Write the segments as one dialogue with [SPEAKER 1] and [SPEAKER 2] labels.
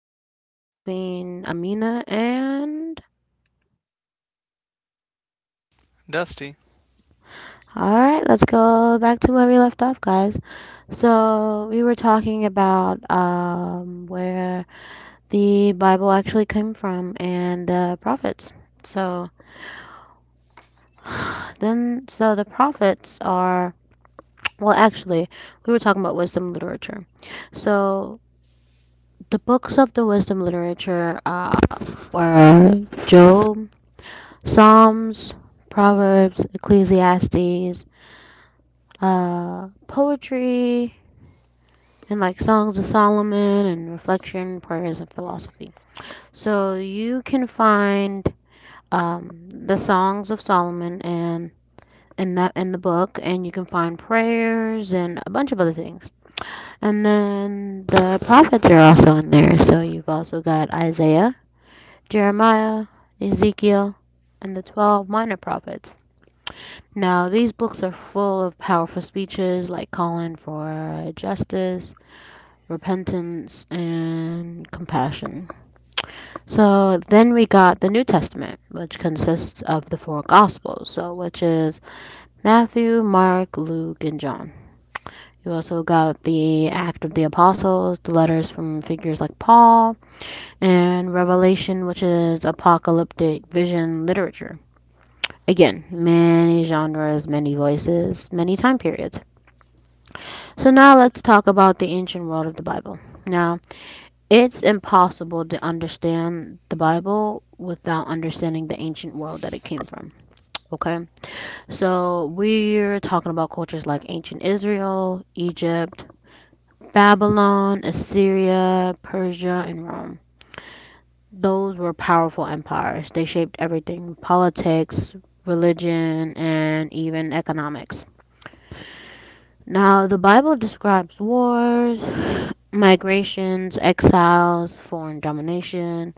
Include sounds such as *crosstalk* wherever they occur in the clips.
[SPEAKER 1] Biblical Talks between Amina and.
[SPEAKER 2] Dusty.
[SPEAKER 1] Alright, let's go back to where we left off, guys. So, we were talking about where the Bible actually came from and the prophets. So, so the prophets are. Well, actually, we were talking about wisdom literature. So, the books of the wisdom literature were Job, Psalms, Proverbs, Ecclesiastes, poetry, and like Songs of Solomon and reflection, prayers, and philosophy. So you can find the Songs of Solomon and in that in the book, and you can find prayers and a bunch of other things. And then the prophets are also in there. So you've also got Isaiah, Jeremiah, Ezekiel, and the 12 minor prophets. Now, these books are full of powerful speeches like calling for justice, repentance, and compassion. So then we got the New Testament, which consists of the four Gospels, so which is Matthew, Mark, Luke, and John. You also got the Act of the Apostles, the letters from figures like Paul, and Revelation, which is apocalyptic vision literature. Again, many genres, many voices, many time periods. So now let's talk about the ancient world of the Bible. Now, it's impossible to understand the Bible without understanding the ancient world that it came from. Okay? So we're talking about cultures like ancient Israel, Egypt, Babylon, Assyria, Persia, and Rome. Those were powerful empires. They shaped everything politics, religion, and even economics. Now, the Bible describes wars, *sighs* migrations, exiles, foreign domination,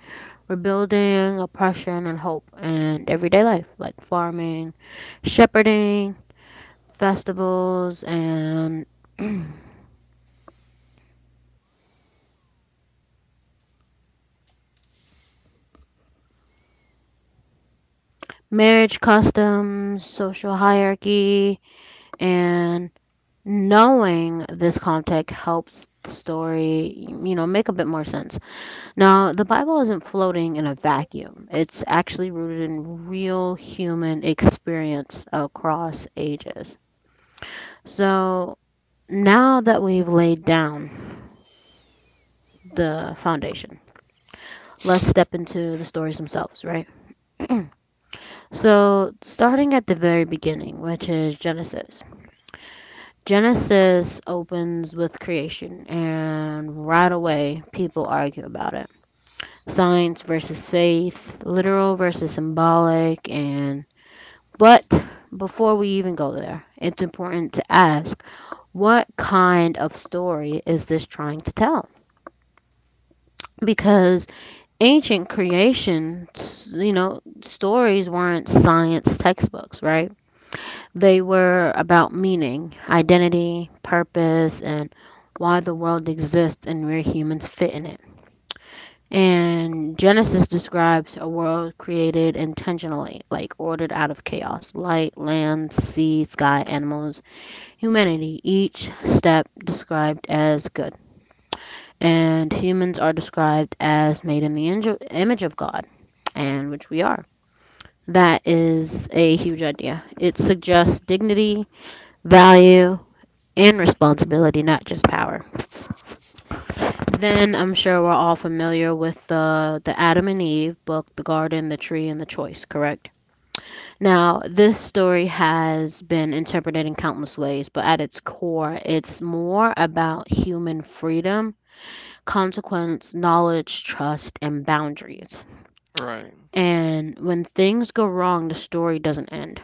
[SPEAKER 1] rebuilding, oppression, and hope, and everyday life like farming, shepherding, festivals, and *clears throat* marriage customs, social hierarchy, and knowing this context helps the story, you know, make a bit more sense. Now, the Bible isn't floating in a vacuum. It's actually rooted in real human experience across ages. So, now that we've laid down the foundation, let's step into the stories themselves, right? *clears throat* So, starting at the very beginning, which is Genesis. Genesis opens with creation, and right away, people argue about it. Science versus faith, literal versus symbolic, and But before we even go there, it's important to ask what kind of story is this trying to tell? Because ancient creation, you know, stories weren't science textbooks, right? They were about meaning, identity, purpose, and why the world exists and where humans fit in it. And Genesis describes a world created intentionally, like ordered out of chaos light, land, sea, sky, animals, humanity, each step described as good. And humans are described as made in the image of God, and which we are. That is a huge idea. It suggests dignity, value, and responsibility, not just power. Then I'm sure we're all familiar with the Adam and Eve book, the Garden, the Tree, and the Choice, correct? Now, this story has been interpreted in countless ways, but at its core, it's more about human freedom consequence, knowledge, trust, and boundaries.
[SPEAKER 2] Right.
[SPEAKER 1] And when things go wrong, the story doesn't end.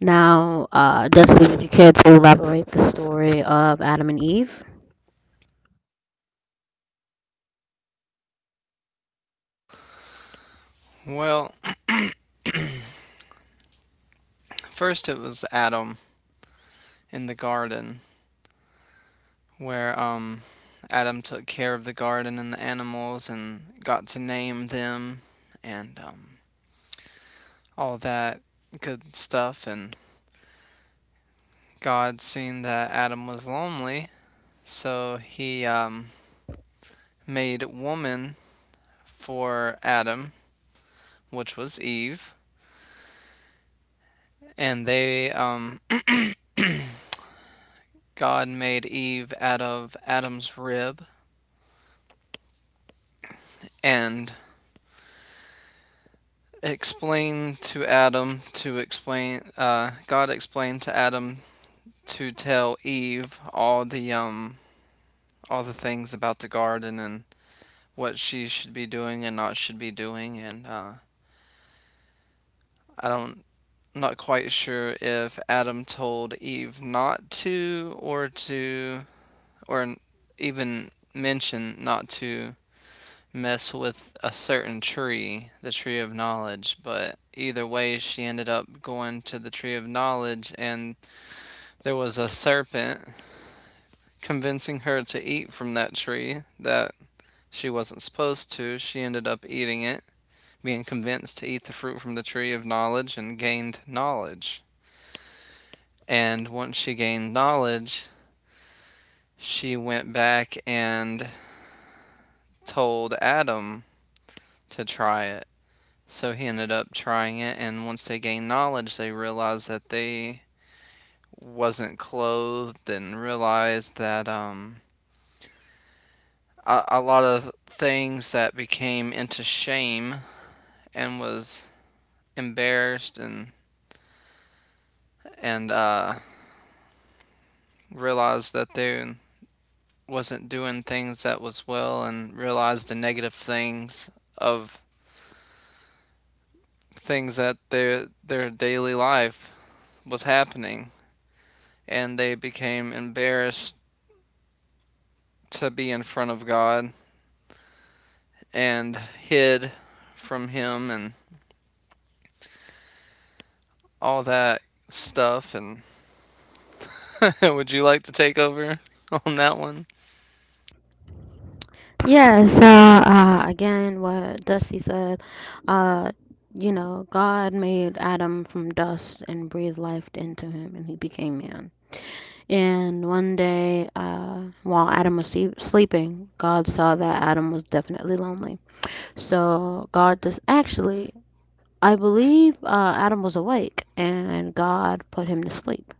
[SPEAKER 1] Now, Destiny, would you care to elaborate the story of Adam and Eve?
[SPEAKER 2] Well, first it was Adam in the garden where Adam took care of the garden and the animals and got to name them, and all that good stuff. And God seen that Adam was lonely, so he made woman for Adam, which was Eve, and they *clears throat* God made Eve out of Adam's rib and explain to Adam to explain God explained to Adam to tell Eve all the things about the garden and what she should be doing and not should be doing, and I don't I'm not quite sure if Adam told Eve not to or to, or even mention not to mess with a certain tree, the tree of knowledge. But either way, she ended up going to the tree of knowledge, and there was a serpent convincing her to eat from that tree that she wasn't supposed to. She ended up eating it, being convinced to eat the fruit from the tree of knowledge, and gained knowledge. And once she gained knowledge, she went back and told Adam to try it. So he ended up trying it, and once they gained knowledge, they realized that they wasn't clothed, and realized that a lot of things that became into shame and was embarrassed, and realized that they wasn't doing things that was well, and realized the negative things of things that their daily life was happening, and they became embarrassed to be in front of God and hid from him and all that stuff. And *laughs* would you like to take over on that one?
[SPEAKER 1] Yeah, so again, what Dusty said, uh, you know, God made Adam from dust and breathed life into him, and he became man. And one day, while Adam was sleeping, God saw that Adam was definitely lonely. So God just actually I believe Adam was awake and God put him to sleep.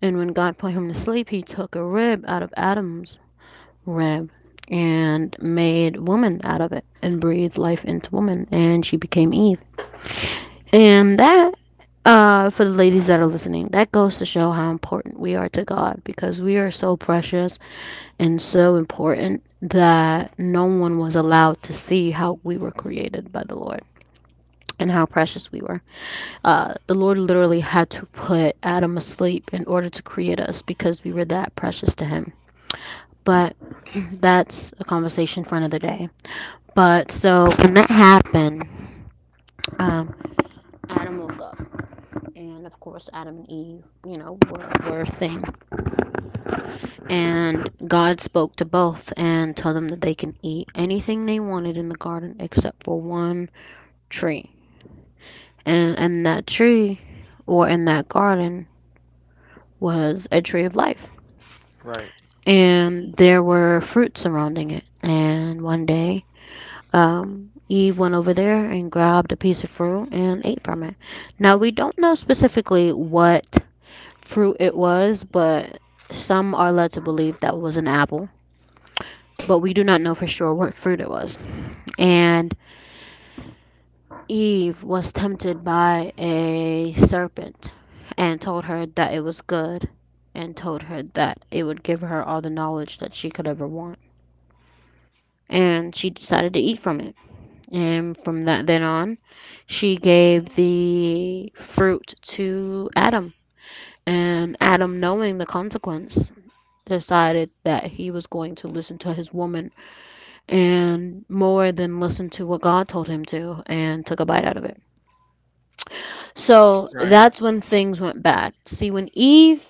[SPEAKER 1] And when God put him to sleep, he took a rib out of Adam's rib and made woman out of it and breathed life into woman and she became Eve. And that for the ladies that are listening, that goes to show how important we are to God because we are so precious and so important that no one was allowed to see how we were created by the Lord and how precious we were. The Lord literally had to put Adam asleep in order to create us because we were that precious to Him. But *clears throat* that's a conversation for another day. But so when that happened, um, Adam woke up, and of course Adam and Eve, you know, were a thing. And God spoke to both and told them that they can eat anything they wanted in the garden except for one tree. And that tree, or in that garden, was a tree of life
[SPEAKER 2] Right.
[SPEAKER 1] and there were fruits surrounding it. And one day, Eve went over there and grabbed a piece of fruit and ate from it. Now, we don't know specifically what fruit it was, but some are led to believe that was an apple, but we do not know for sure what fruit it was. And Eve was tempted by a serpent and told her that it was good and told her that it would give her all the knowledge that she could ever want. And she decided to eat from it. And from that then on, she gave the fruit to Adam. And Adam, knowing the consequence, decided that he was going to listen to his woman and more than listen to what God told him to and took a bite out of it. So
[SPEAKER 2] Right.
[SPEAKER 1] that's when things went bad. See, when Eve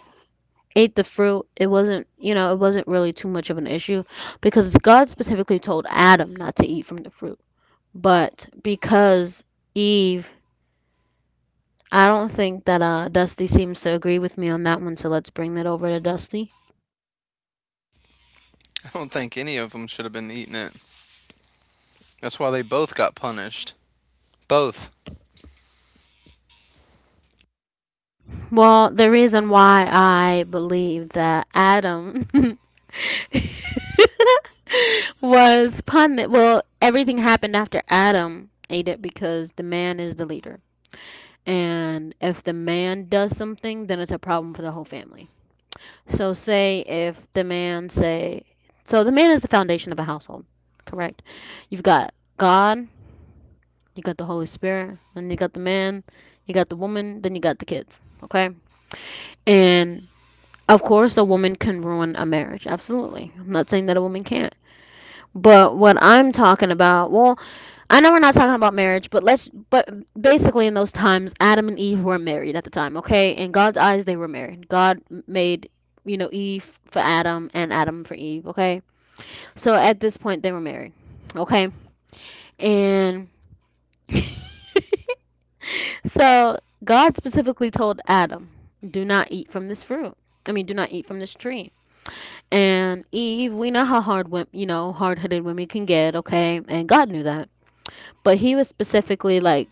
[SPEAKER 1] ate the fruit, it wasn't, you know, it wasn't really too much of an issue because God specifically told Adam not to eat from the fruit. But because Eve, I don't think that Dusty seems to agree with me on that one, so let's bring that over to Dusty.
[SPEAKER 2] I don't think any of them should have been eating it. That's why they both got punished. Both.
[SPEAKER 1] Well, the reason why I believe that Adam *laughs* was punished, well, everything happened after Adam ate it because the man is the leader. And if the man does something, then it's a problem for the whole family. So say if the man say so the man is the foundation of a household, correct? You've got God, you got the Holy Spirit, and you got the man, you got the woman, then you got the kids, okay? And of course a woman can ruin a marriage. Absolutely. I'm not saying that a woman can't. But what I'm talking about, well, I know we're not talking about marriage, but basically in those times Adam and Eve were married at the time, okay? In God's eyes they were married. God made, you know, Eve for Adam and Adam for Eve, okay? So at this point they were married, okay? And *laughs* so God specifically told Adam, "Do not eat from this fruit." I mean, do not eat from this tree. And Eve, we know how hard, you know, hard-headed women can get, okay? And God knew that. But he was specifically like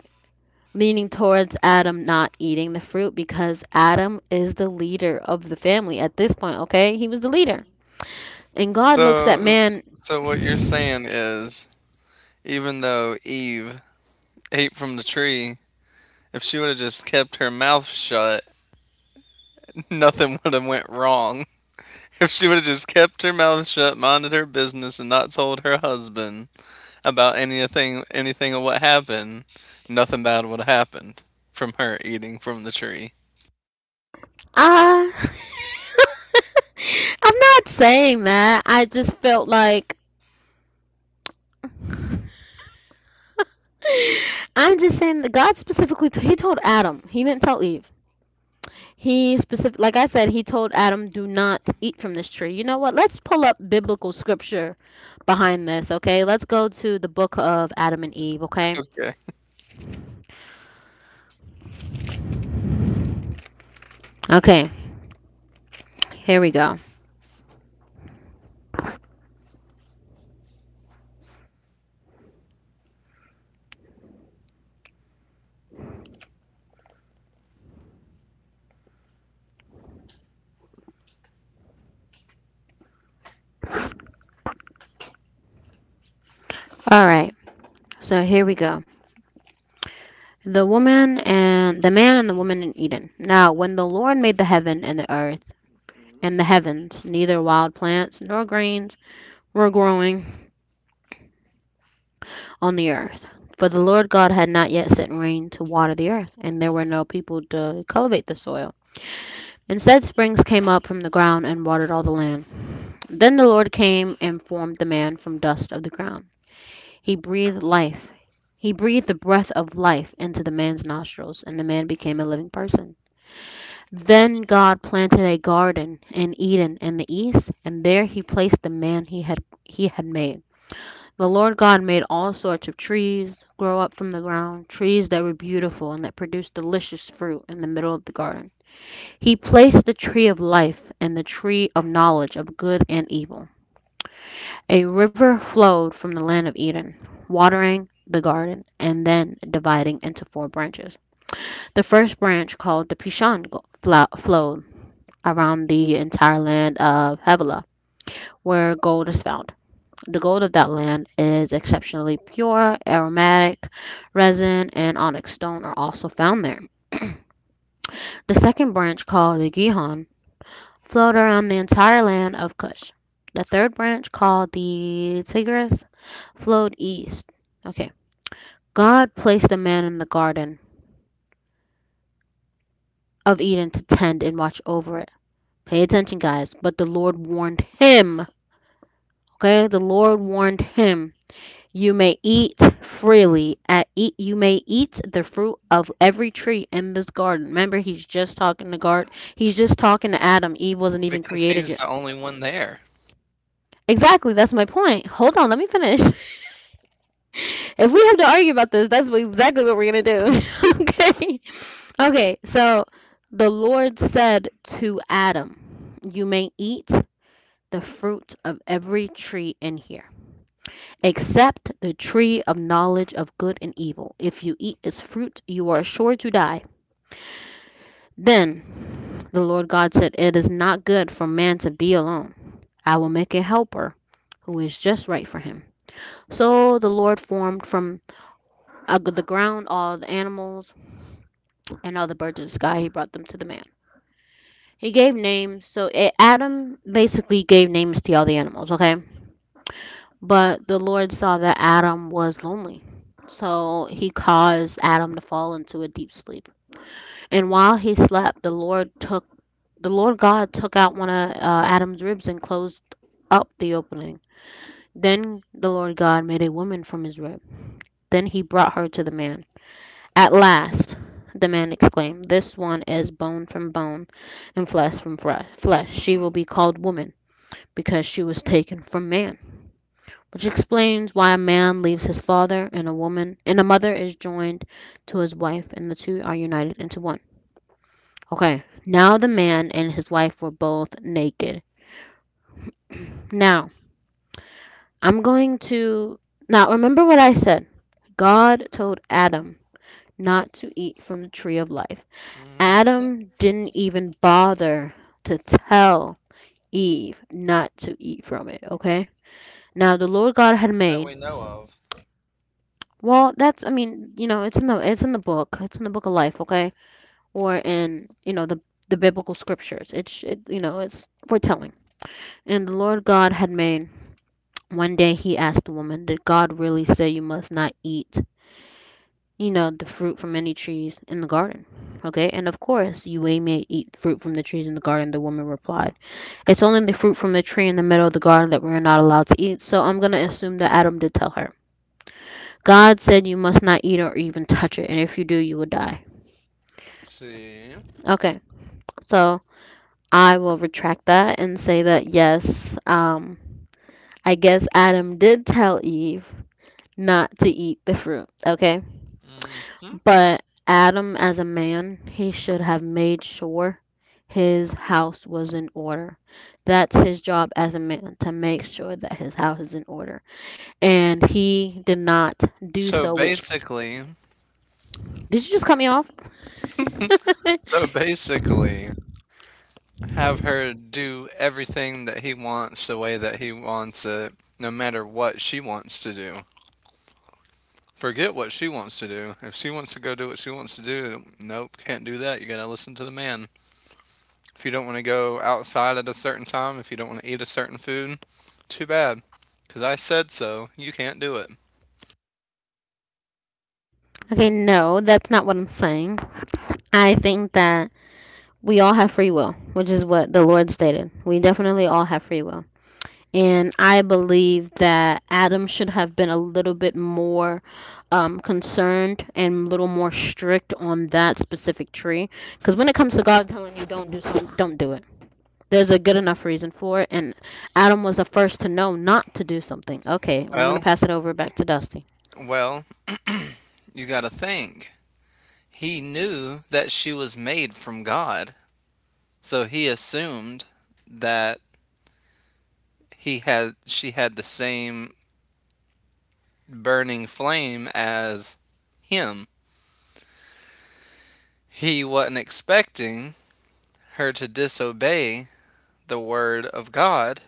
[SPEAKER 1] leaning towards Adam not eating the fruit because Adam is the leader of the family at this point, okay? He was the leader. And God looks at
[SPEAKER 2] So,
[SPEAKER 1] man,
[SPEAKER 2] so, what you're saying is, even though Eve ate from the tree, if she would have just kept her mouth shut, *laughs* nothing would have went wrong. If she would have just kept her mouth shut, minded her business, and not told her husband about anything of what happened, nothing bad would have happened from her eating from the tree.
[SPEAKER 1] ah, *laughs* I'm not saying that. I just felt like *laughs* I'm just saying that God specifically he told Adam. He didn't tell Eve. He specific like I said, he told Adam, "Do not eat from this tree." You know what? Let's pull up biblical scripture behind this, okay? Let's go to the book of Adam and Eve, okay?
[SPEAKER 2] Okay.
[SPEAKER 1] Okay. Here we go. All right. So here we go. The woman and the man and the woman in Eden. Now, when the Lord made the heaven and the earth and the heavens, neither wild plants nor grains were growing on the earth. For the Lord God had not yet sent rain to water the earth, and there were no people to cultivate the soil. Instead, springs came up from the ground and watered all the land. Then the Lord came and formed the man from dust of the ground. He breathed life. He breathed the breath of life into the man's nostrils, and the man became a living person. Then God planted a garden in Eden in the east, and there he placed the man he had made. The Lord God made all sorts of trees grow up from the ground, trees that were beautiful and that produced delicious fruit in the middle of the garden. He placed the tree of life and the tree of knowledge of good and evil. A river flowed from the land of Eden, watering the garden and then dividing into four branches. The first branch, called the Pishon, flowed around the entire land of Havilah, where gold is found. The gold of that land is exceptionally pure, aromatic, resin, and onyx stone are also found there. *clears throat* The second branch, called the Gihon, flowed around the entire land of Cush. The third branch, called the Tigris, flowed east. Okay. God placed a man in the Garden of Eden to tend and watch over it. Pay attention, guys. But the Lord warned him. Okay. The Lord warned him. You may eat freely at eat you may eat the fruit of every tree in this garden. Remember he's just talking to God. He's just talking to Adam. Eve wasn't even
[SPEAKER 2] Because
[SPEAKER 1] created
[SPEAKER 2] he's
[SPEAKER 1] yet.
[SPEAKER 2] the only one there.
[SPEAKER 1] Exactly, that's my point. Hold on, let me finish. *laughs* If we have to argue about this, exactly what we're going to do. *laughs* Okay. Okay. So the Lord said to Adam, "You may eat the fruit of every tree in here, except the tree of knowledge of good and evil. If you eat its fruit, you are sure to die." Then the Lord God said, "It is not good for man to be alone. I will make a helper who is just right for him." So the Lord formed from the ground all the animals and all the birds of the sky, he brought them to the man. He gave names. So Adam basically gave names to all the animals, okay? But the Lord saw that Adam was lonely. So he caused Adam to fall into a deep sleep. And while he slept, the Lord God took out one of Adam's ribs and closed up the opening. Then the Lord God made a woman from his rib. Then he brought her to the man. "At last!" the man exclaimed. "This one is bone from bone and flesh from flesh. She will be called woman because she was taken from man," which explains why a man leaves his father and a woman and a mother is joined to his wife and the two are united into one. Okay, now the man and his wife were both naked. Now, I'm going to Now remember what I said. God told Adam not to eat from the tree of life.
[SPEAKER 2] Mm,
[SPEAKER 1] Adam didn't even bother to tell Eve not to eat from it, okay? Now the Lord God had
[SPEAKER 2] that
[SPEAKER 1] made.
[SPEAKER 2] we know of.
[SPEAKER 1] Well, that's, I mean, it's in the book. It's in the book of life, okay? Or in, the biblical scriptures. It's it's foretelling. And the Lord God had made. One day he asked the woman, "Did God really say you must not eat, the fruit from any trees in the garden?" Okay? "And of course, you may eat fruit from the trees in the garden," the woman replied. "It's only the fruit from the tree in the middle of the garden that we are not allowed to eat," so I'm going to assume that Adam did tell her. "God said you must not eat or even touch it, and if you do, you will die."
[SPEAKER 2] Let's see.
[SPEAKER 1] Okay, so I will retract that and say that yes, I guess Adam did tell Eve not to eat the fruit, okay?
[SPEAKER 2] Hmm.
[SPEAKER 1] But Adam, as a man, he should have made sure his house was in order. That's his job as a man, to make sure that his house is in order. And he did not do
[SPEAKER 2] So
[SPEAKER 1] so, which
[SPEAKER 2] basically,
[SPEAKER 1] did you just cut me off? *laughs*
[SPEAKER 2] so basically, have her do everything that he wants the way that he wants it, no matter what she wants to do. Forget what she wants to do. If she wants to go do what she wants to do, nope, can't do that. You gotta listen to the man. If you don't want to go outside at a certain time, if you don't want to eat a certain food, too bad. Because I said so, you can't do it.
[SPEAKER 1] Okay, no, that's not what I'm saying. I think that we all have free will, which is what the Lord stated. We definitely all have free will. And I believe that Adam should have been a little bit more concerned and a little more strict on that specific tree. Because when it comes to God telling you don't do something, don't do it. There's a good enough reason for it, and Adam was the first to know not to do something. Okay, I'm going to
[SPEAKER 2] Well,
[SPEAKER 1] pass it over back to Dusty.
[SPEAKER 2] well, you got to think. He knew that she was made from God, so he assumed that he had she had the same burning flame as him. He wasn't expecting her to disobey the word of God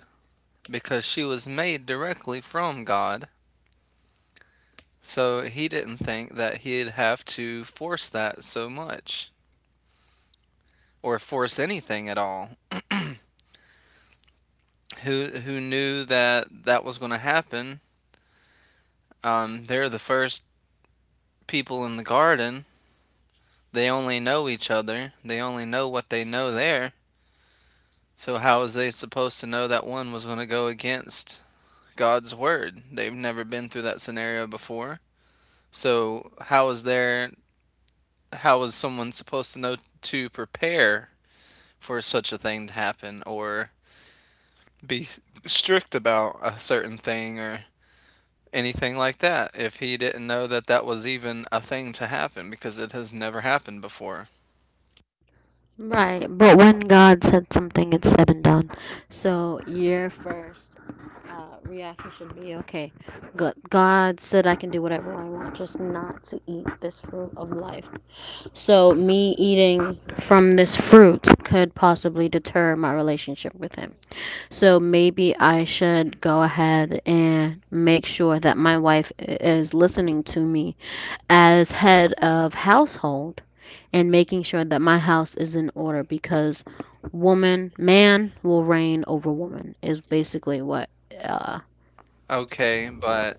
[SPEAKER 2] because she was made directly from God. So he didn't think that he'd have to force that so much, or force anything at all. Who knew that that was going to happen? They're the first people in the garden. They only know each other. They only know what they know there. So how was they supposed to know that one was going to go against God's word? They've never been through that scenario before. So how is someone supposed to know to prepare for such a thing to happen, or be strict about a certain thing, or anything like that if he didn't know that that was even a thing to happen because it has never happened before?
[SPEAKER 1] Right, but when God said something, it's said and done. So, your first reaction should be okay, God said I can do whatever I want, just not to eat this fruit of life. So, me eating from this fruit could possibly deter my relationship with Him. So maybe I should go ahead and make sure that my wife is listening to me as head of household and making sure that my house is in order because woman, man will reign over woman is basically what uh,
[SPEAKER 2] Okay, but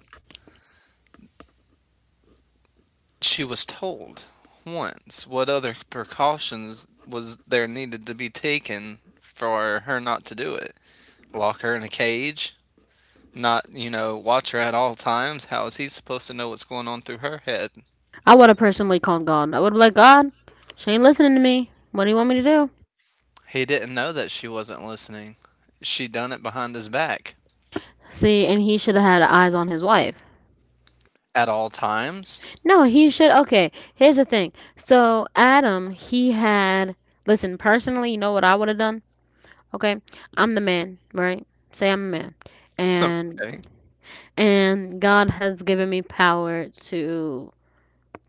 [SPEAKER 2] she was told once. What other precautions was there needed to be taken for her not to do it? Lock her in a cage? Not, you know, watch her at all times? How is he supposed to know what's going on through her head?
[SPEAKER 1] I would have personally called God. I would have like, God, she ain't listening to me. What do you want me to do?
[SPEAKER 2] He didn't know that she wasn't listening. She done it behind his back.
[SPEAKER 1] See, and he should have had eyes on his wife.
[SPEAKER 2] At all times?
[SPEAKER 1] No, he should. Okay, here's the thing. So Adam, he had. Listen, personally, you know what I would have done? Okay, I'm the man, right? Say I'm a man, and
[SPEAKER 2] Okay.
[SPEAKER 1] and God has given me power to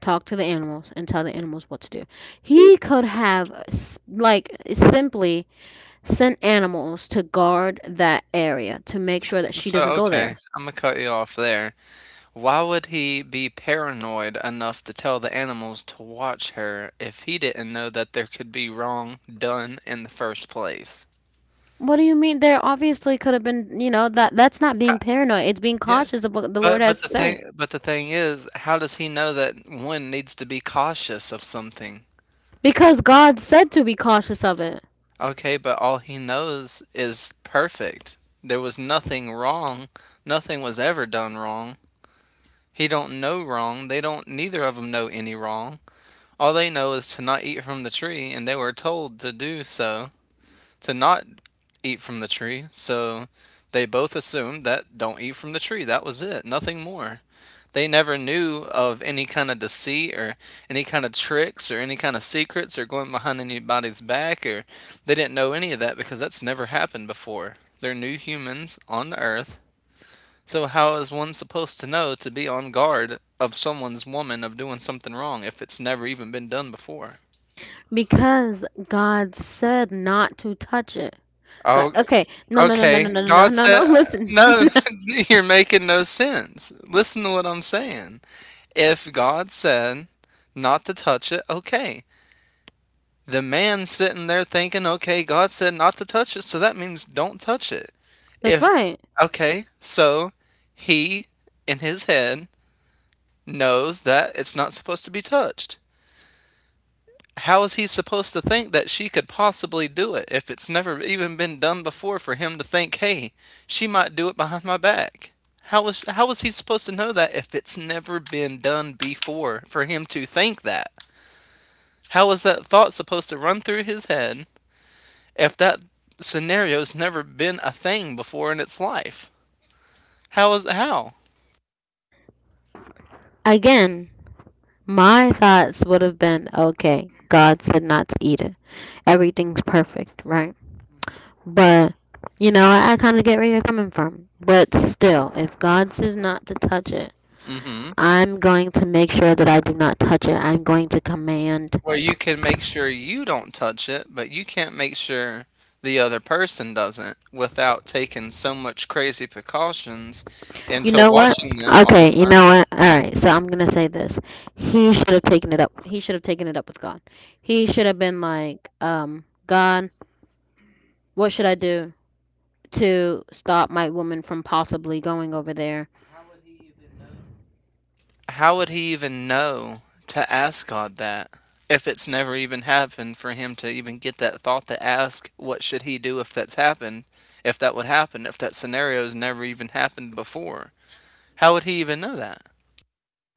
[SPEAKER 1] talk to the animals and tell the animals what to do. He could have like simply sent animals to guard that area to make sure that she
[SPEAKER 2] So,
[SPEAKER 1] doesn't go
[SPEAKER 2] okay,
[SPEAKER 1] there.
[SPEAKER 2] Imma cut you off there. Why would he be paranoid enough to tell the animals to watch her if he didn't know that there could be wrong done in the first place?
[SPEAKER 1] What do you mean? There obviously could have been, that that's not
[SPEAKER 2] Ha,
[SPEAKER 1] being paranoid. It's being
[SPEAKER 2] yeah.
[SPEAKER 1] cautious of what the Lord has to say.
[SPEAKER 2] But the thing is, how does he know that one needs to be cautious of something?
[SPEAKER 1] Because God said to be cautious of it.
[SPEAKER 2] Okay, but all he knows is perfect. There was nothing wrong. Nothing was ever done wrong. He don't know wrong. They don't, neither of them know any wrong. All they know is to not eat from the tree, and they were told to do so, to not eat from the tree. So they both assumed that don't eat from the tree. That was it, nothing more. They never knew of any kind of deceit, or any kind of tricks, or any kind of secrets, or going behind anybody's back, or they didn't know any of that because that's never happened before. They're new humans on the earth. So how is one supposed to know to be on guard of someone's woman of doing something wrong if it's never even been done before?
[SPEAKER 1] Because God said not to touch it. God,
[SPEAKER 2] Oh,
[SPEAKER 1] okay. No, no, no, no, no,
[SPEAKER 2] okay.
[SPEAKER 1] no, no,
[SPEAKER 2] God
[SPEAKER 1] no, no, no,
[SPEAKER 2] said,
[SPEAKER 1] listen.
[SPEAKER 2] no, *laughs* you're making no sense. Listen to what I'm saying. If God said not to touch it, okay, the man sitting there thinking, okay, God said not to touch it, so that means don't touch it.
[SPEAKER 1] *laughs* That's
[SPEAKER 2] If,
[SPEAKER 1] right.
[SPEAKER 2] okay, so he in his head knows that it's not supposed to be touched. How is he supposed to think that she could possibly do it if it's never even been done before for him to think, hey, she might do it behind my back? How was he supposed to know that if it's never been done before for him to think that? How was that thought supposed to run through his head if that scenario's never been a thing before in its life? How is how?
[SPEAKER 1] Again, my thoughts would have been, okay, God said not to eat it. Everything's perfect, right? But, I kind of get where you're coming from. But still, if God says not to touch it,
[SPEAKER 2] Mm-hmm.
[SPEAKER 1] I'm going to make sure that I do not touch it. I'm going to command.
[SPEAKER 2] Where you can make sure you don't touch it, but you can't make sure the other person doesn't without taking so much crazy precautions and
[SPEAKER 1] You
[SPEAKER 2] to
[SPEAKER 1] know what?
[SPEAKER 2] watching them all the
[SPEAKER 1] Okay, you
[SPEAKER 2] time.
[SPEAKER 1] know what? All right, so I'm gonna say this. He should have taken it up with God. He should have been like, God, what should I do to stop my woman from possibly going over there?
[SPEAKER 2] How would he even know to ask God that if it's never even happened for him to even get that thought to ask what should he do if that's happened, if that would happen, if that scenario's never even happened before? How would he even know that?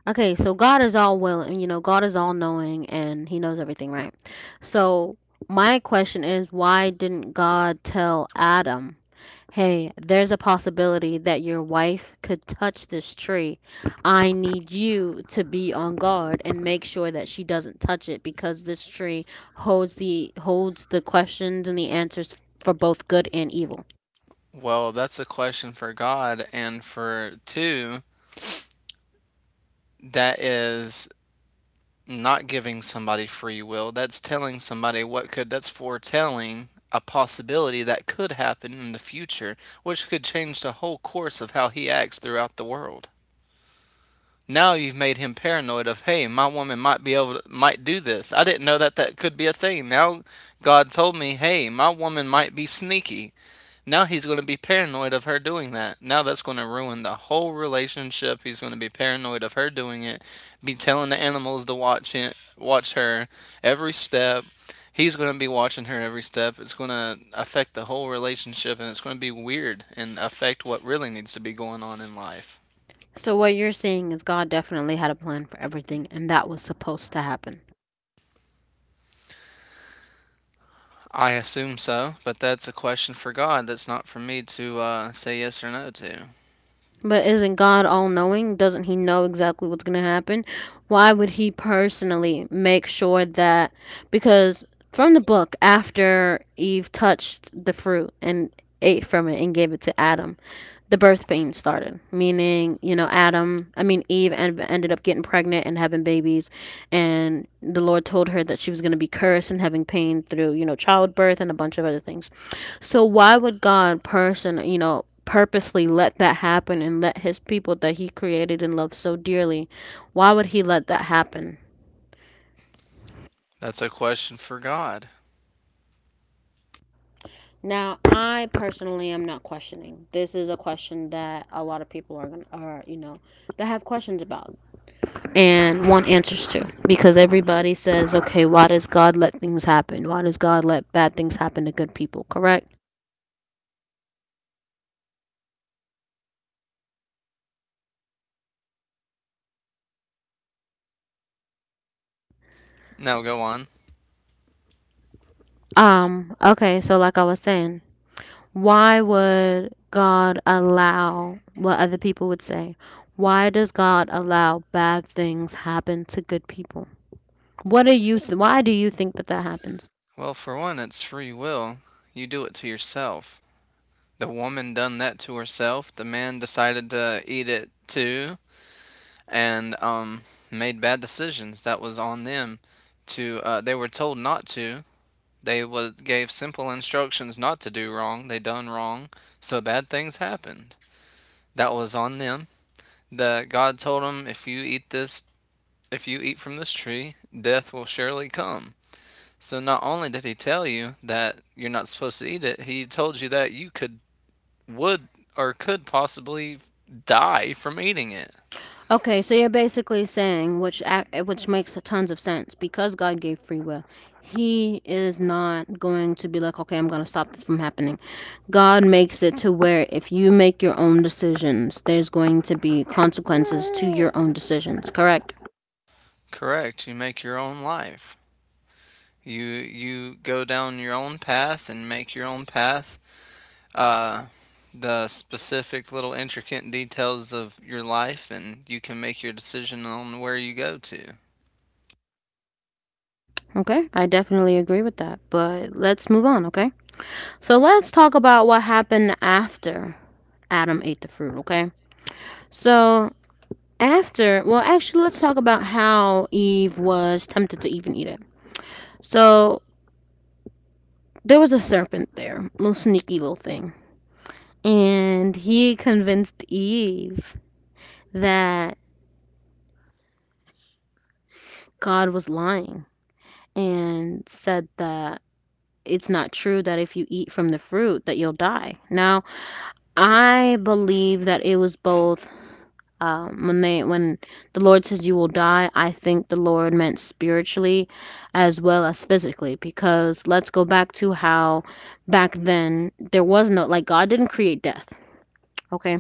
[SPEAKER 1] Okay, so God is all willing, God is all knowing and he knows everything, right? So my question is why didn't God tell Adam, "Hey, there's a possibility that your wife could touch this tree. I need you to be on guard and make sure that she doesn't touch it because this tree holds the questions and the answers for both good and evil."
[SPEAKER 2] Well, that's a question for God. And for two, that is not giving somebody free will. That's telling somebody what could, that's foretelling a possibility that could happen in the future, which could change the whole course of how he acts throughout the world. Now you've made him paranoid of, hey, my woman might be able to, might do this. I didn't know that that could be a thing. Now God told me, hey, my woman might be sneaky. Now he's going to be paranoid of her doing that. Now that's going to ruin the whole relationship. He's going to be paranoid of her doing it, be telling the animals to watch it, watch her every step. He's going to be watching her every step. It's going to affect the whole relationship and it's going to be weird and affect what really needs to be going on in life.
[SPEAKER 1] So what you're saying is God definitely had a plan for everything and that was supposed to happen.
[SPEAKER 2] I assume so, but that's a question for God. That's not for me to say yes or no to.
[SPEAKER 1] But isn't God all knowing? Doesn't He know exactly what's going to happen? Why would He personally make sure that? Because from the book, after Eve touched the fruit and ate from it and gave it to Adam, the birth pain started. Meaning, you know, Eve ended up getting pregnant and having babies. And the Lord told her that she was going to be cursed and having pain through, you know, childbirth and a bunch of other things. So why would God purposely let that happen and let his people that he created and loved so dearly, why would he let that happen?
[SPEAKER 2] That's a question for God.
[SPEAKER 1] Now, I personally am not questioning. This is a question that a lot of people are are, you know, that have questions about and want answers to because everybody says, "Okay, why does God let things happen? Why does God let bad things happen to good people?" Correct?
[SPEAKER 2] Now go on.
[SPEAKER 1] Okay, so like I was saying, why would God allow what other people would say? Why does God allow bad things happen to good people? What do you why do you think that that happens?
[SPEAKER 2] Well, for one, it's free will. You do it to yourself. The woman done that to herself. The man decided to eat it too, and made bad decisions. That was on them. To they were told not to. They was gave simple instructions not to do wrong. They done wrong, so bad things happened. That was on them. The God told them, if you eat this, if you eat from this tree, death will surely come. So not only did he tell you that you're not supposed to eat it, he told you that you could, would, or could possibly die from eating it.
[SPEAKER 1] Okay, so you're basically saying which which makes tons of sense because God gave free will. He is not going to be like, "Okay, I'm going to stop this from happening." God makes it to where if you make your own decisions, there's going to be consequences to your own decisions, correct?
[SPEAKER 2] Correct. You make your own life. You go down your own path and make your own path. Uh, the specific little intricate details of your life, and you can make your decision on where you go to.
[SPEAKER 1] Okay, I definitely agree with that. But let's move on, okay? So let's talk about what happened after Adam ate the fruit, okay? So well, actually, let's talk about how Eve was tempted to even eat it. So there was a serpent there, little sneaky little thing, and he convinced Eve that God was lying and said that it's not true that if you eat from the fruit that you'll die. Now, I believe that it was both. When the Lord says you will die, I think the Lord meant spiritually as well as physically because let's go back to how back then there was no, like, God didn't create death, okay?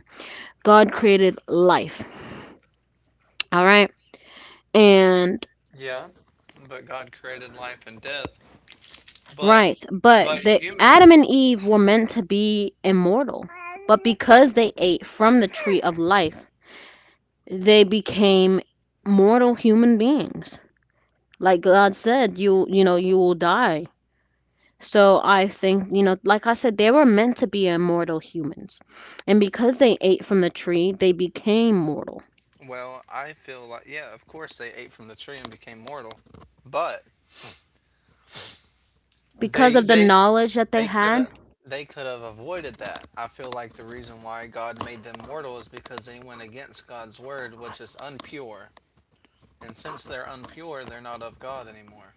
[SPEAKER 1] God created life, all right? And
[SPEAKER 2] Yeah, but God created life and death. But
[SPEAKER 1] right, but
[SPEAKER 2] but
[SPEAKER 1] the Adam
[SPEAKER 2] humans.
[SPEAKER 1] and Eve were meant to be immortal. But because they ate from the tree of life, they became mortal human beings like God said, you know you will die. So I think, you know, like I said, they were meant to be immortal humans. And because they ate from the tree, they became mortal.
[SPEAKER 2] Well, I feel like yeah, of course they ate from the tree and became mortal, but
[SPEAKER 1] Because
[SPEAKER 2] they
[SPEAKER 1] of the
[SPEAKER 2] they
[SPEAKER 1] knowledge that they
[SPEAKER 2] they could have
[SPEAKER 1] had.
[SPEAKER 2] they could have avoided that. I feel like the reason why God made them mortal is because they went against God's word, which is unpure. And since they're unpure, they're not of God anymore.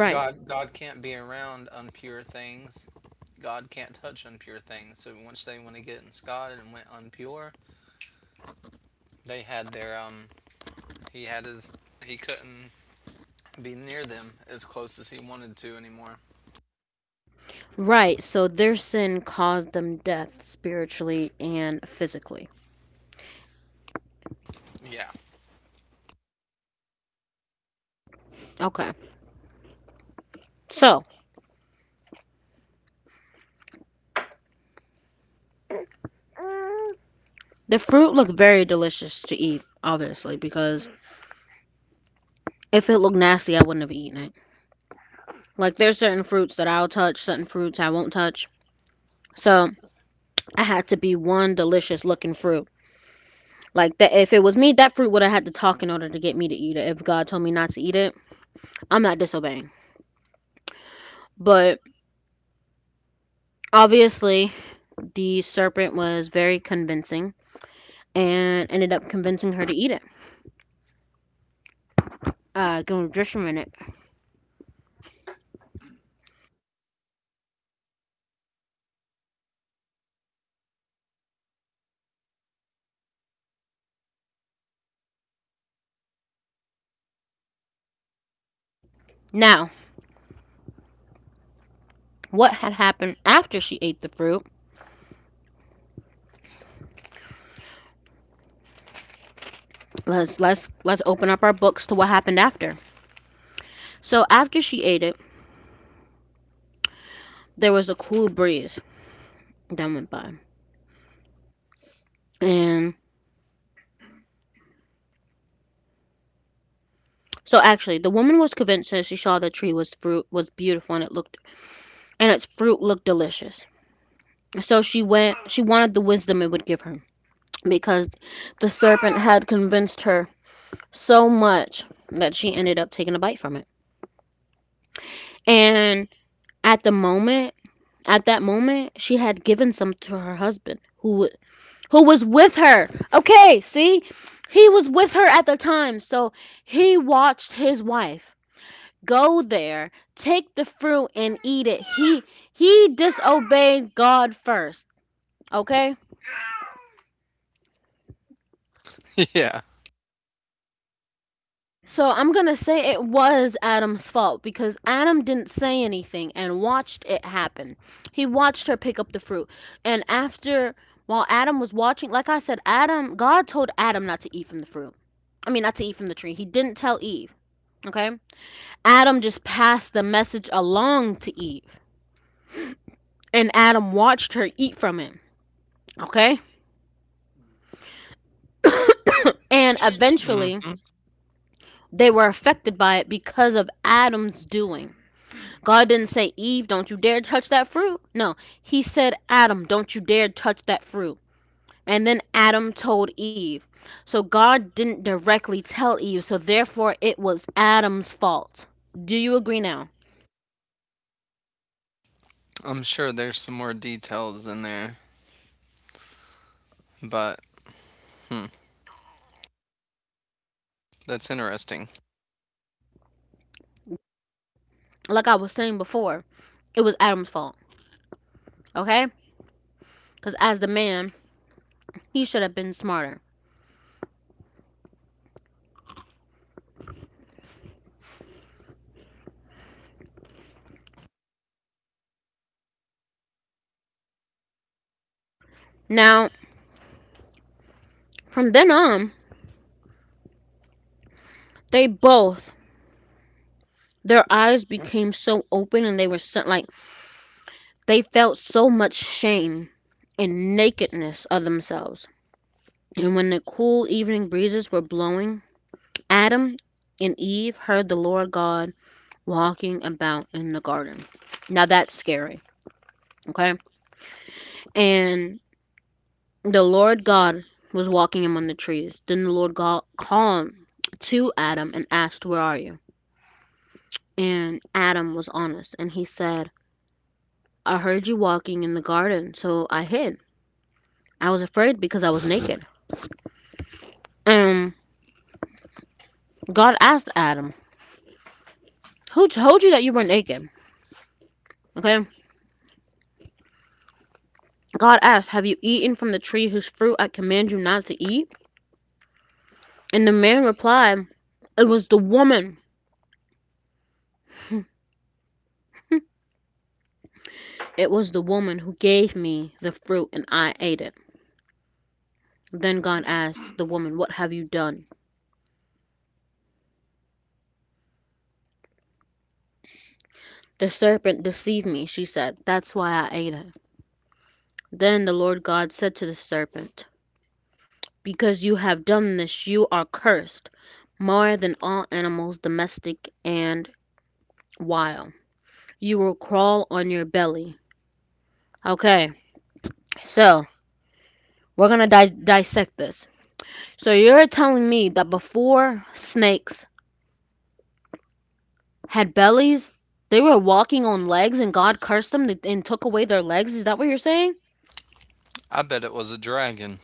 [SPEAKER 2] Right. God can't be around unpure things. God can't touch unpure things. So once they went against God and went unpure, they had their he had his he couldn't be near them as close as he wanted to anymore.
[SPEAKER 1] Right. So their sin caused them death spiritually and physically.
[SPEAKER 2] Yeah.
[SPEAKER 1] Okay. So the fruit looked very delicious to eat, obviously, because if it looked nasty, I wouldn't have eaten it. Like there's certain fruits that I'll touch, certain fruits I won't touch. So I had to be one delicious looking fruit. Like that, if it was me, that fruit would have had to talk in order to get me to eat it. If God told me not to eat it, I'm not disobeying. But obviously, the serpent was very convincing and ended up convincing her to eat it. Give me just a minute. Now, what had happened after she ate the fruit? Let's open up our books to what happened after. So after she ate it, there was a cool breeze that went by, and so actually, the woman was convinced that she saw the tree was fruit was beautiful and it looked and its fruit looked delicious. So she went, she wanted the wisdom it would give her because the serpent had convinced her so much that she ended up taking a bite from it. And at the moment, at that moment, she had given some to her husband who was with her. Okay, see? He was with her at the time. So he watched his wife go there, take the fruit and eat it. He disobeyed God first, okay?
[SPEAKER 2] *laughs* Yeah.
[SPEAKER 1] So I'm gonna say it was Adam's fault because Adam didn't say anything and watched it happen. He watched her pick up the fruit. And after, while Adam was watching, like I said, Adam, God told Adam not to eat from the fruit. I mean, not to eat from the tree. He didn't tell Eve, okay? Adam just passed the message along to Eve. And Adam watched her eat from it, okay? *coughs* And eventually,
[SPEAKER 2] Hmm.
[SPEAKER 1] they were affected by it because of Adam's doing. God didn't say, Eve, don't you dare touch that fruit. No, he said, Adam, don't you dare touch that fruit. And then Adam told Eve. So God didn't directly tell Eve, so therefore it was Adam's fault. Do you agree now?
[SPEAKER 2] I'm sure there's some more details in there, but, hmm, that's interesting.
[SPEAKER 1] Like I was saying before, it was Adam's fault, okay? Because as the man, he should have been smarter. Now, from then on, they both, their eyes became so open and they were so, like, they felt so much shame and nakedness of themselves. And when the cool evening breezes were blowing, Adam and Eve heard the Lord God walking about in the garden. Now that's scary, okay? And the Lord God was walking among the trees. Then the Lord God called to Adam and asked, Where are you? And Adam was honest and he said, I heard you walking in the garden, so I hid. I was afraid because I was naked. And God asked Adam, Who told you that you were naked? Okay? God asked, Have you eaten from the tree whose fruit I command you not to eat? And the man replied, It was the woman. *laughs* It was the woman who gave me the fruit, and I ate it. Then God asked the woman, What have you done? The serpent deceived me, she said. That's why I ate it. Then the Lord God said to the serpent, Because you have done this, you are cursed more than all animals, domestic and wild. You will crawl on your belly. Okay, so we're gonna dissect this. So you're telling me that before snakes had bellies, they were walking on legs, and God cursed them and took away their legs? Is that what you're saying?
[SPEAKER 2] I bet it was a dragon,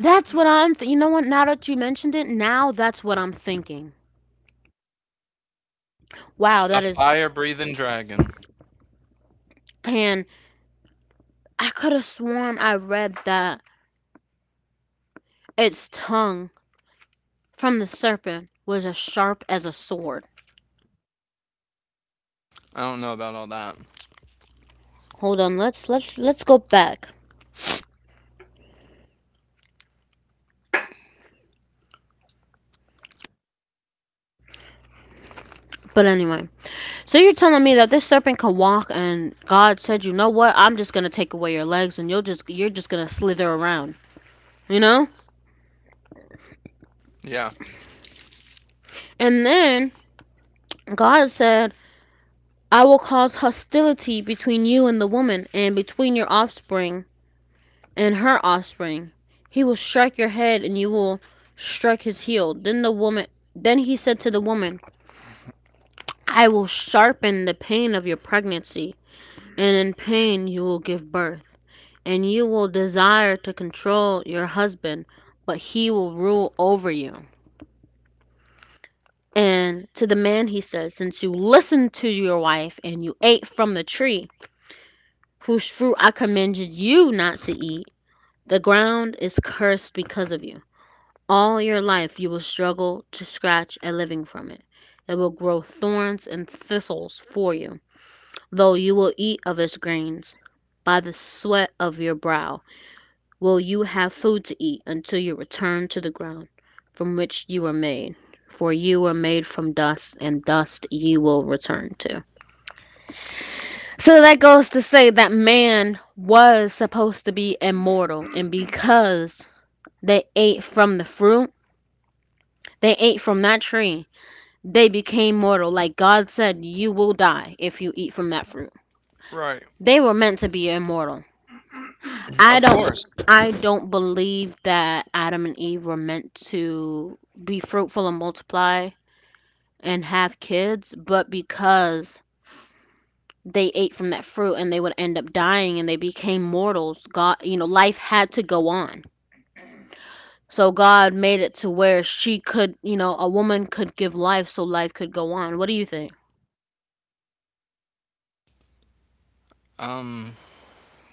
[SPEAKER 1] That's what I'm. You know what? Now that you mentioned it, now that's what I'm thinking. Wow,
[SPEAKER 2] a
[SPEAKER 1] that is.
[SPEAKER 2] fire breathing dragon.
[SPEAKER 1] And I could have sworn I read that its tongue from the serpent was as sharp as a sword.
[SPEAKER 2] I don't know about all that.
[SPEAKER 1] Hold on, let's go back. But anyway, so you're telling me that this serpent can walk and God said, "You know what? I'm just going to take away your legs and you're just going to slither around." You know?
[SPEAKER 2] Yeah.
[SPEAKER 1] And then God said, "I will cause hostility between you and the woman and between your offspring and her offspring. He will strike your head and you will strike his heel." Then the woman then he said to the woman, "I will sharpen the pain of your pregnancy, and in pain you will give birth, and you will desire to control your husband, but he will rule over you." And to the man he said, Since you listened to your wife and you ate from the tree whose fruit I commanded you not to eat, the ground is cursed because of you. All your life you will struggle to scratch a living from it. It will grow thorns and thistles for you, though you will eat of its grains. By the sweat of your brow will you have food to eat until you return to the ground from which you were made. For you were made from dust, and dust you will return to. So that goes to say that man was supposed to be immortal, and because they ate from the fruit, they ate from that tree, they became mortal. Like God said, you will die if you eat from that fruit.
[SPEAKER 2] Right.
[SPEAKER 1] They were meant to be immortal. I
[SPEAKER 2] Of
[SPEAKER 1] don't
[SPEAKER 2] course.
[SPEAKER 1] I don't believe that Adam and Eve were meant to be fruitful and multiply and have kids, but because they ate from that fruit and they would end up dying and they became mortals, God, you know, life had to go on. So God made it to where she could, you know, a woman could give life so life could go on. What do you think?
[SPEAKER 2] Um,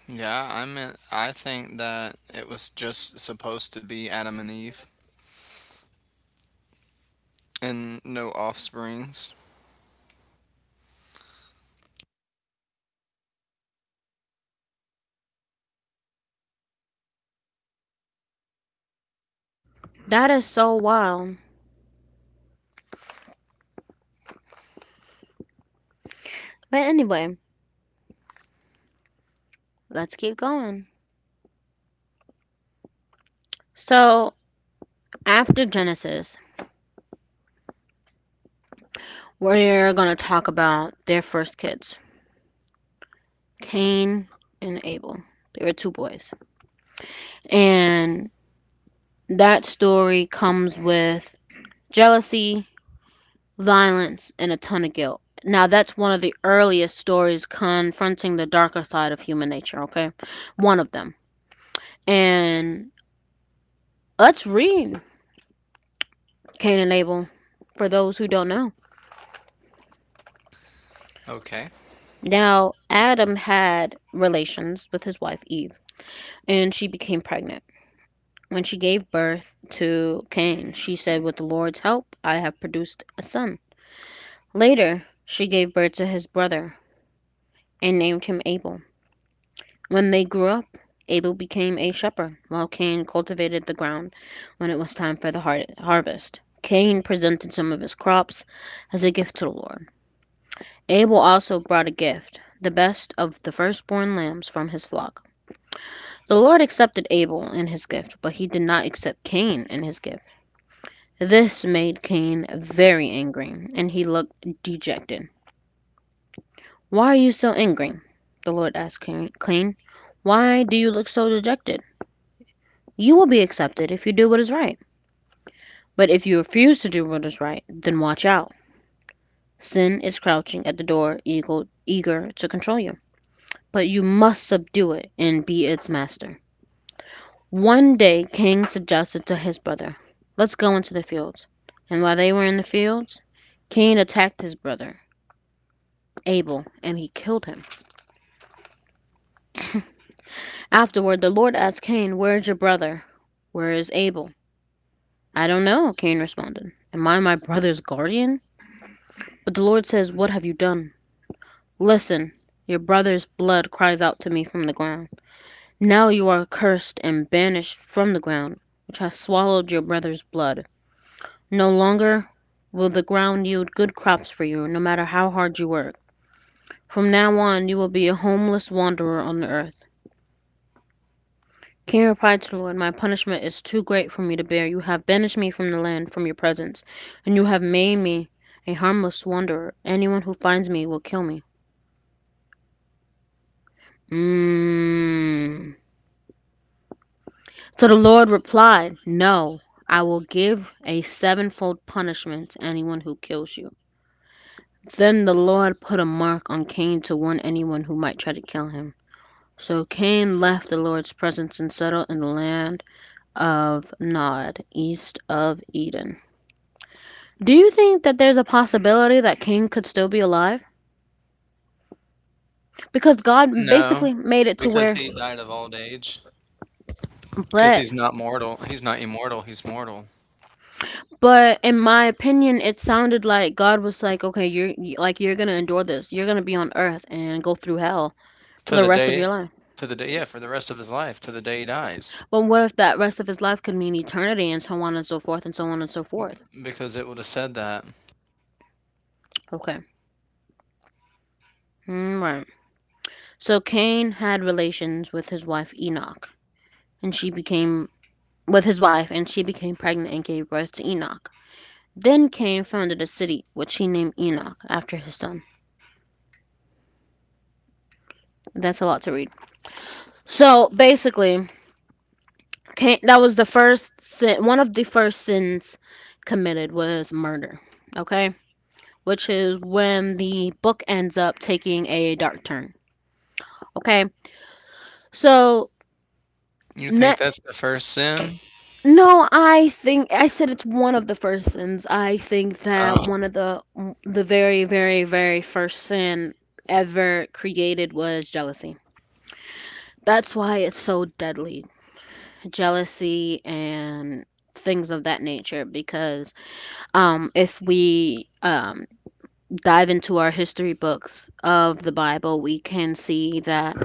[SPEAKER 2] yeah, I meant I think that it was just supposed to be Adam and Eve and no offsprings.
[SPEAKER 1] That is so wild. But anyway, let's keep going. So, after Genesis, we're going to talk about their first kids. Cain and Abel. They were two boys. And that story comes with jealousy, violence, and a ton of guilt. Now, that's one of the earliest stories confronting the darker side of human nature, okay? One of them. And let's read Cain and Abel for those who don't know.
[SPEAKER 2] Okay.
[SPEAKER 1] Now, Adam had relations with his wife Eve, and she became pregnant. When she gave birth to Cain, she said, With the Lord's help, I have produced a son. Later, she gave birth to his brother and named him Abel. When they grew up, Abel became a shepherd, while Cain cultivated the ground when it was time for the harvest. Cain presented some of his crops as a gift to the Lord. Abel also brought a gift, the best of the firstborn lambs from his flock. The Lord accepted Abel and his gift, but he did not accept Cain and his gift. This made Cain very angry, and he looked dejected. Why are you so angry? The Lord asked Cain. Why do you look so dejected? You will be accepted if you do what is right. But if you refuse to do what is right, then watch out. Sin is crouching at the door, eager to control you. But you must subdue it and be its master. One day, Cain suggested to his brother, Let's go into the fields. And while they were in the fields, Cain attacked his brother, Abel, and he killed him. *laughs* Afterward, the Lord asked Cain, Where is your brother? Where is Abel? I don't know, Cain responded. Am I my brother's guardian? But the Lord says, What have you done? Listen! Your brother's blood cries out to me from the ground. Now you are cursed and banished from the ground, which has swallowed your brother's blood. No longer will the ground yield good crops for you, no matter how hard you work. From now on you will be a homeless wanderer on the earth." King replied to the Lord, "My punishment is too great for me to bear. You have banished me from the land, from your presence, and you have made me a harmless wanderer. Anyone who finds me will kill me." Mmm. So the Lord replied, No, I will give a sevenfold punishment to anyone who kills you. Then the Lord put a mark on Cain to warn anyone who might try to kill him. So Cain left the Lord's presence and settled in the land of Nod, east of Eden. Do you think that there's a possibility that Cain could still be alive? Because God
[SPEAKER 2] No,
[SPEAKER 1] basically made it to
[SPEAKER 2] because
[SPEAKER 1] where.
[SPEAKER 2] he
[SPEAKER 1] He
[SPEAKER 2] died
[SPEAKER 1] died
[SPEAKER 2] of
[SPEAKER 1] of
[SPEAKER 2] old
[SPEAKER 1] old age.
[SPEAKER 2] age. Because
[SPEAKER 1] But
[SPEAKER 2] he's
[SPEAKER 1] He's
[SPEAKER 2] not
[SPEAKER 1] not
[SPEAKER 2] mortal.
[SPEAKER 1] mortal.
[SPEAKER 2] He's
[SPEAKER 1] He's
[SPEAKER 2] not
[SPEAKER 1] not
[SPEAKER 2] immortal.
[SPEAKER 1] immortal. He's
[SPEAKER 2] He's
[SPEAKER 1] mortal.
[SPEAKER 2] mortal
[SPEAKER 1] But in my opinion, it sounded like God was like, "Okay, like you're gonna endure this. You're gonna be on earth and go through hell for
[SPEAKER 2] to
[SPEAKER 1] the
[SPEAKER 2] the
[SPEAKER 1] rest of
[SPEAKER 2] day,
[SPEAKER 1] your life."
[SPEAKER 2] to the day. Yeah, for the rest of his life, to the day he dies.
[SPEAKER 1] But what if that rest of his life could mean eternity and so on and so forth and so on and so
[SPEAKER 2] M-.
[SPEAKER 1] forth?
[SPEAKER 2] Because it would have said that.
[SPEAKER 1] Okay, mm, right. So Cain had relations with his wife Enoch, and she became with his wife, and she became pregnant and gave birth to Enoch. Then Cain founded a city, which he named Enoch after his son. That's a lot to read. So basically, okay, that was the first sin. One of the first sins committed was murder. Okay, which is when the book ends up taking a dark turn. Okay, so
[SPEAKER 2] You think
[SPEAKER 1] ne-
[SPEAKER 2] that's the first sin?
[SPEAKER 1] no, I think I said it's one of the first sins. I think that
[SPEAKER 2] Oh,
[SPEAKER 1] one of the very very very first sin ever created was jealousy. That's why it's so deadly. Jealousy and things of that nature because if we dive into our history books of the Bible, we can see that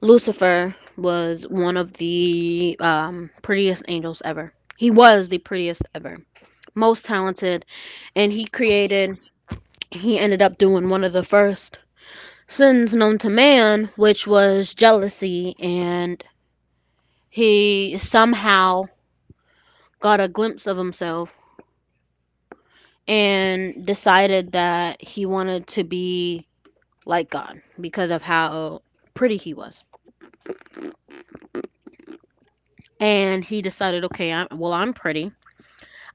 [SPEAKER 1] Lucifer was one of the prettiest angels ever. He was the prettiest ever, most talented, and he ended up doing one of the first sins known to man, which was jealousy, and he somehow got a glimpse of himself and decided that he wanted to be like God because of how pretty he was. And he decided, okay, well, I'm pretty.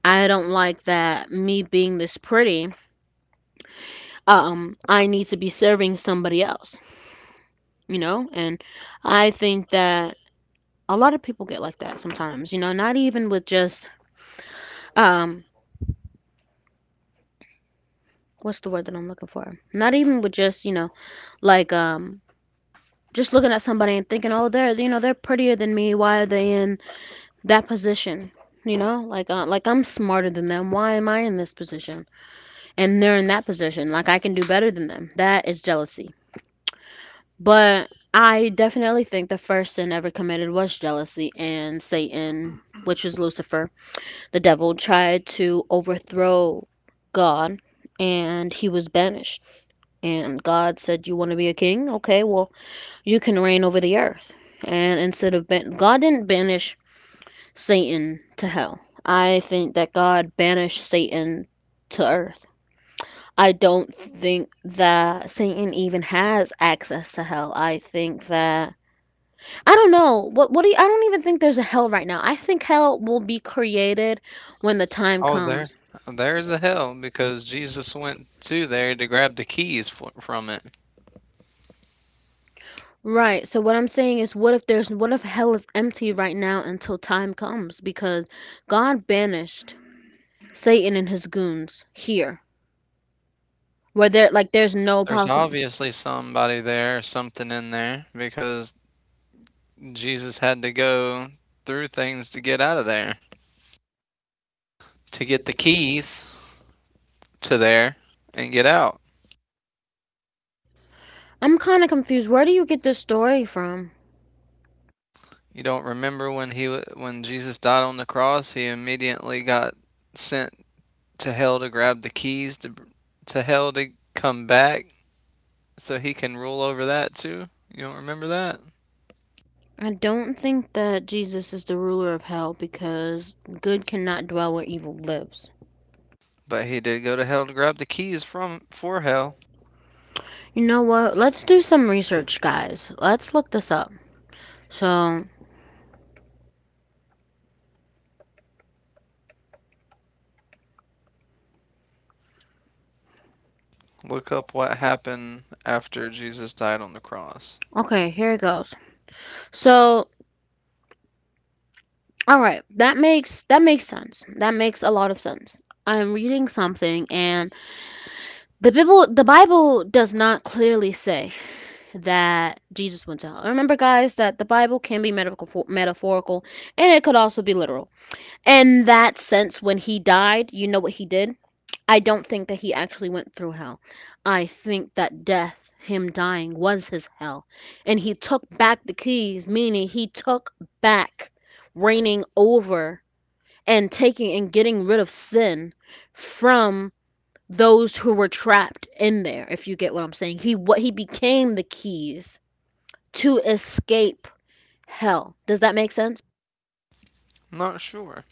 [SPEAKER 1] I don't like that me being this pretty. I need to be serving somebody else, you know? And I think that a lot of people get like that sometimes, you know, not even with just, um, what's the word that I'm looking for? Not even with just, you know, like, just looking at somebody and thinking, oh, they're, you know, they're prettier than me. Why are they in that position? You know, like I'm smarter than them. Why am I in this position? And they're in that position. Like I can do better than them. That is jealousy. But I definitely think the first sin ever committed was jealousy, and Satan, which is Lucifer, the devil, tried to overthrow God, and he was banished. And God said, "You want to be a king? Okay, well, you can reign over the earth." And instead of God didn't banish Satan to hell. I think that God banished Satan to earth. I don't think that Satan even has access to hell. I think that I don't know. I don't even think there's a hell right now. I think hell will be created when the time
[SPEAKER 2] oh,
[SPEAKER 1] comes.
[SPEAKER 2] there's the hell. Because Jesus went to there to grab the keys from it.
[SPEAKER 1] Right. So what I'm saying is what if hell is empty right now until time comes because God banished Satan and his goons here where there like there's no
[SPEAKER 2] There's
[SPEAKER 1] possible.
[SPEAKER 2] obviously somebody there, something in there, because Jesus had to go through things to get out of there, to get the keys to there and get out.
[SPEAKER 1] I'm kind of confused. Where do you get this story from?
[SPEAKER 2] You don't remember when Jesus died on the cross, he immediately got sent to hell to grab the keys to hell to come back so he can rule over that too. You don't remember that?
[SPEAKER 1] I don't think that Jesus is the ruler of hell because good cannot dwell where evil lives.
[SPEAKER 2] But he did go to hell to grab the keys from for hell.
[SPEAKER 1] You know what? Let's do some research, guys. Let's look this up. So,
[SPEAKER 2] Look up what happened after Jesus died on the cross.
[SPEAKER 1] okay, here it goes. So, all right, that makes sense. That makes a lot of sense. I'm reading something and the Bible does not clearly say that Jesus went to hell. Remember, guys, that the Bible can be metaphorical and it could also be literal. In that sense, when he died, you know what he did? I don't think that he actually went through hell. I think that death, him dying, was his hell. And he took back the keys, meaning he took back reigning over and taking and getting rid of sin from those who were trapped in there, if you get what I'm saying. He became the keys to escape hell. Does that make sense?
[SPEAKER 2] Not sure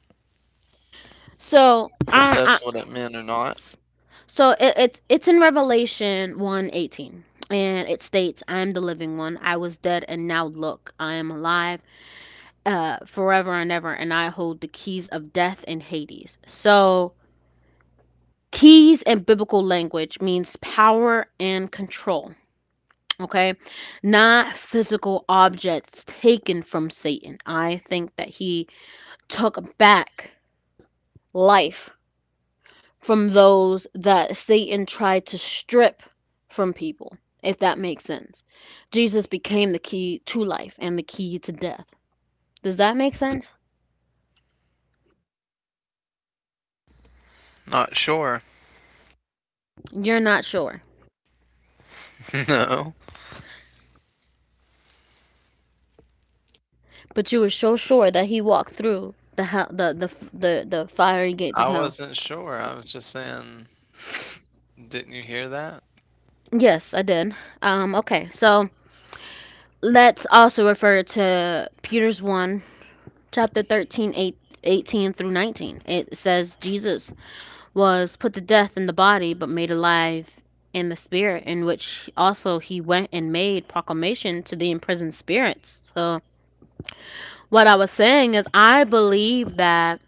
[SPEAKER 1] So,
[SPEAKER 2] if
[SPEAKER 1] I
[SPEAKER 2] that's what it meant or not.
[SPEAKER 1] So it, it's in Revelation 1:18, and it states, "I am the living one. I was dead, and now look, I am alive, forever and ever, and I hold the keys of death and Hades." So keys in biblical language means power and control. Okay, not physical objects taken from Satan. I think that he took back life from those that Satan tried to strip from people, if that makes sense. Jesus became the key to life and the key to death. Does that make sense?
[SPEAKER 2] Not sure.
[SPEAKER 1] You're not sure,
[SPEAKER 2] *laughs* No.
[SPEAKER 1] but you were so sure that he walked through the hell, the fiery gates of
[SPEAKER 2] I
[SPEAKER 1] hell.
[SPEAKER 2] wasn't sure. I was just saying, didn't you hear that?
[SPEAKER 1] Yes, I did. Okay, so let's also refer to Peter's 1, chapter 13 8 18 through 19. It says, Jesus was put to death in the body, but made alive in the spirit, in which also he went and made proclamation to the imprisoned spirits. So, what I was saying is, I believe that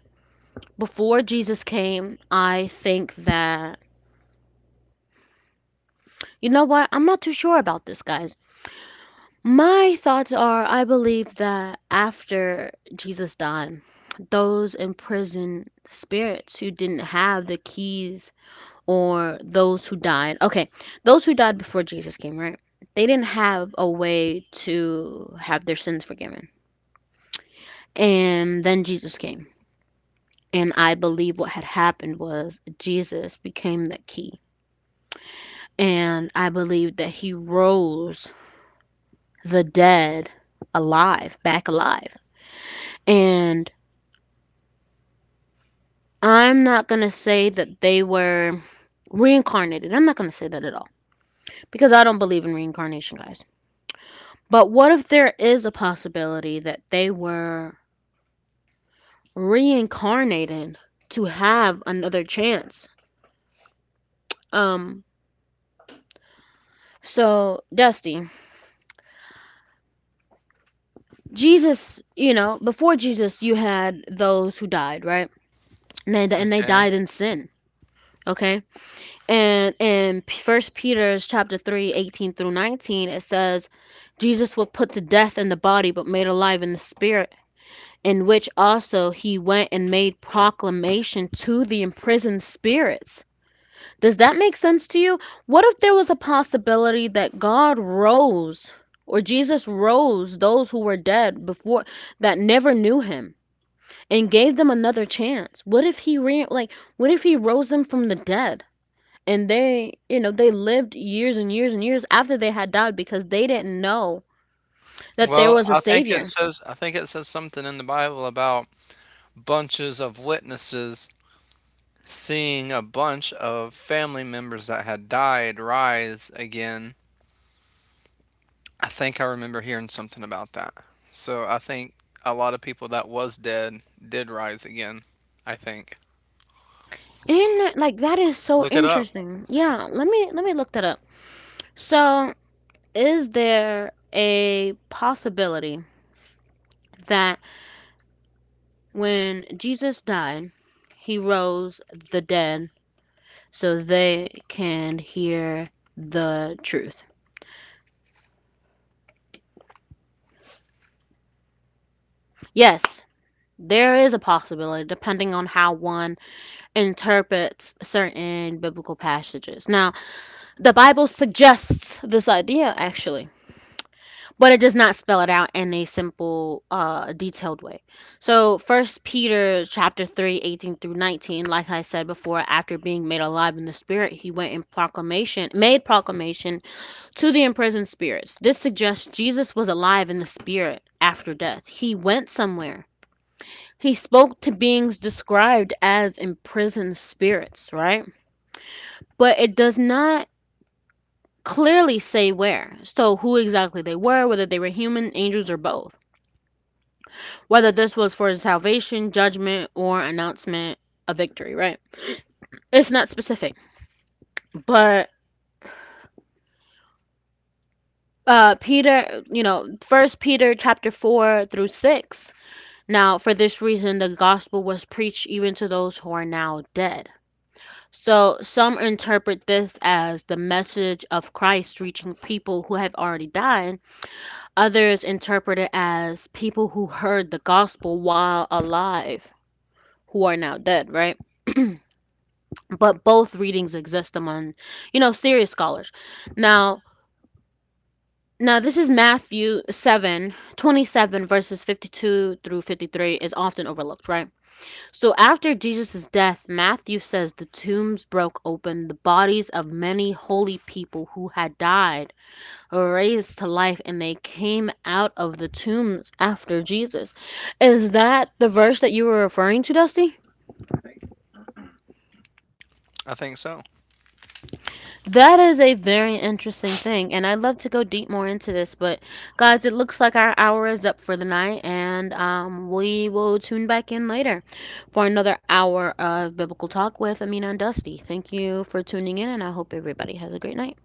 [SPEAKER 1] before Jesus came, I think that, you know what, I'm not too sure about this, guys. My thoughts are, I believe that after Jesus died, those imprisoned spirits who didn't have the keys or those who died. Okay, those who died before Jesus came, right? They didn't have a way to have their sins forgiven. And then Jesus came. And I believe what had happened was Jesus became the key. And I believe that he rose the dead alive, back alive. And I'm not going to say that they were reincarnated. I'm not going to say that at all because I don't believe in reincarnation, guys. But what if there is a possibility that they were reincarnated to have another chance? Um, so Dusty, before Jesus, you had those who died, right? And they
[SPEAKER 2] Okay.
[SPEAKER 1] died in sin. Okay, and in First Peter's chapter 3, 18 through 19, it says, Jesus was put to death in the body, but made alive in the spirit, in which also he went and made proclamation to the imprisoned spirits. Does that make sense to you? What if there was a possibility that God rose or Jesus rose those who were dead before that never knew him and gave them another chance? What if like what if he rose them from the dead and they, you know, they lived years and years and years after they had died because they didn't know that there
[SPEAKER 2] Well,
[SPEAKER 1] was a savior?
[SPEAKER 2] I think it says something in the Bible about bunches of witnesses seeing a bunch of family members that had died rise again. I think I remember hearing something about that. So I think a lot of people that was dead did rise again. I think.
[SPEAKER 1] And like that is so
[SPEAKER 2] Look it up.
[SPEAKER 1] interesting. Yeah, let me look that up. So, is there a possibility that when Jesus died, he rose the dead so they can hear the truth? Yes, there is a possibility depending on how one interprets certain biblical passages. Now, the Bible suggests this idea actually. But it does not spell it out in a simple detailed way. So First Peter chapter 3, 18 through 19, like I said before, after being made alive in the spirit, he went in proclamation to the imprisoned spirits. This suggests Jesus was alive in the spirit after death. He went somewhere. He spoke to beings described as imprisoned spirits, right? But it does not clearly say where. So who exactly they were, whether they were human, angels, or both, whether this was for salvation, judgment, or announcement of victory, right? It's not specific. But Peter, you know, First Peter chapter 4 through 6. Now, for this reason the gospel was preached even to those who are now dead. So, some interpret this as the message of Christ reaching people who have already died. Others interpret it as people who heard the gospel while alive who are now dead, right? But both readings exist among, you know, serious scholars now. This is Matthew 7:27, verses 52 through 53, is often overlooked, right? So after Jesus' death, Matthew says the tombs broke open, the bodies of many holy people who had died were raised to life, and they came out of the tombs after Jesus. Is that the verse that you were referring to, Dusty?
[SPEAKER 2] I think so.
[SPEAKER 1] That is a very interesting thing, and I'd love to go deep more into this, but guys, it looks like our hour is up for the night, and we will tune back in later for another hour of biblical talk with Amina and Dusty. Thank you for tuning in, and I hope everybody has a great night.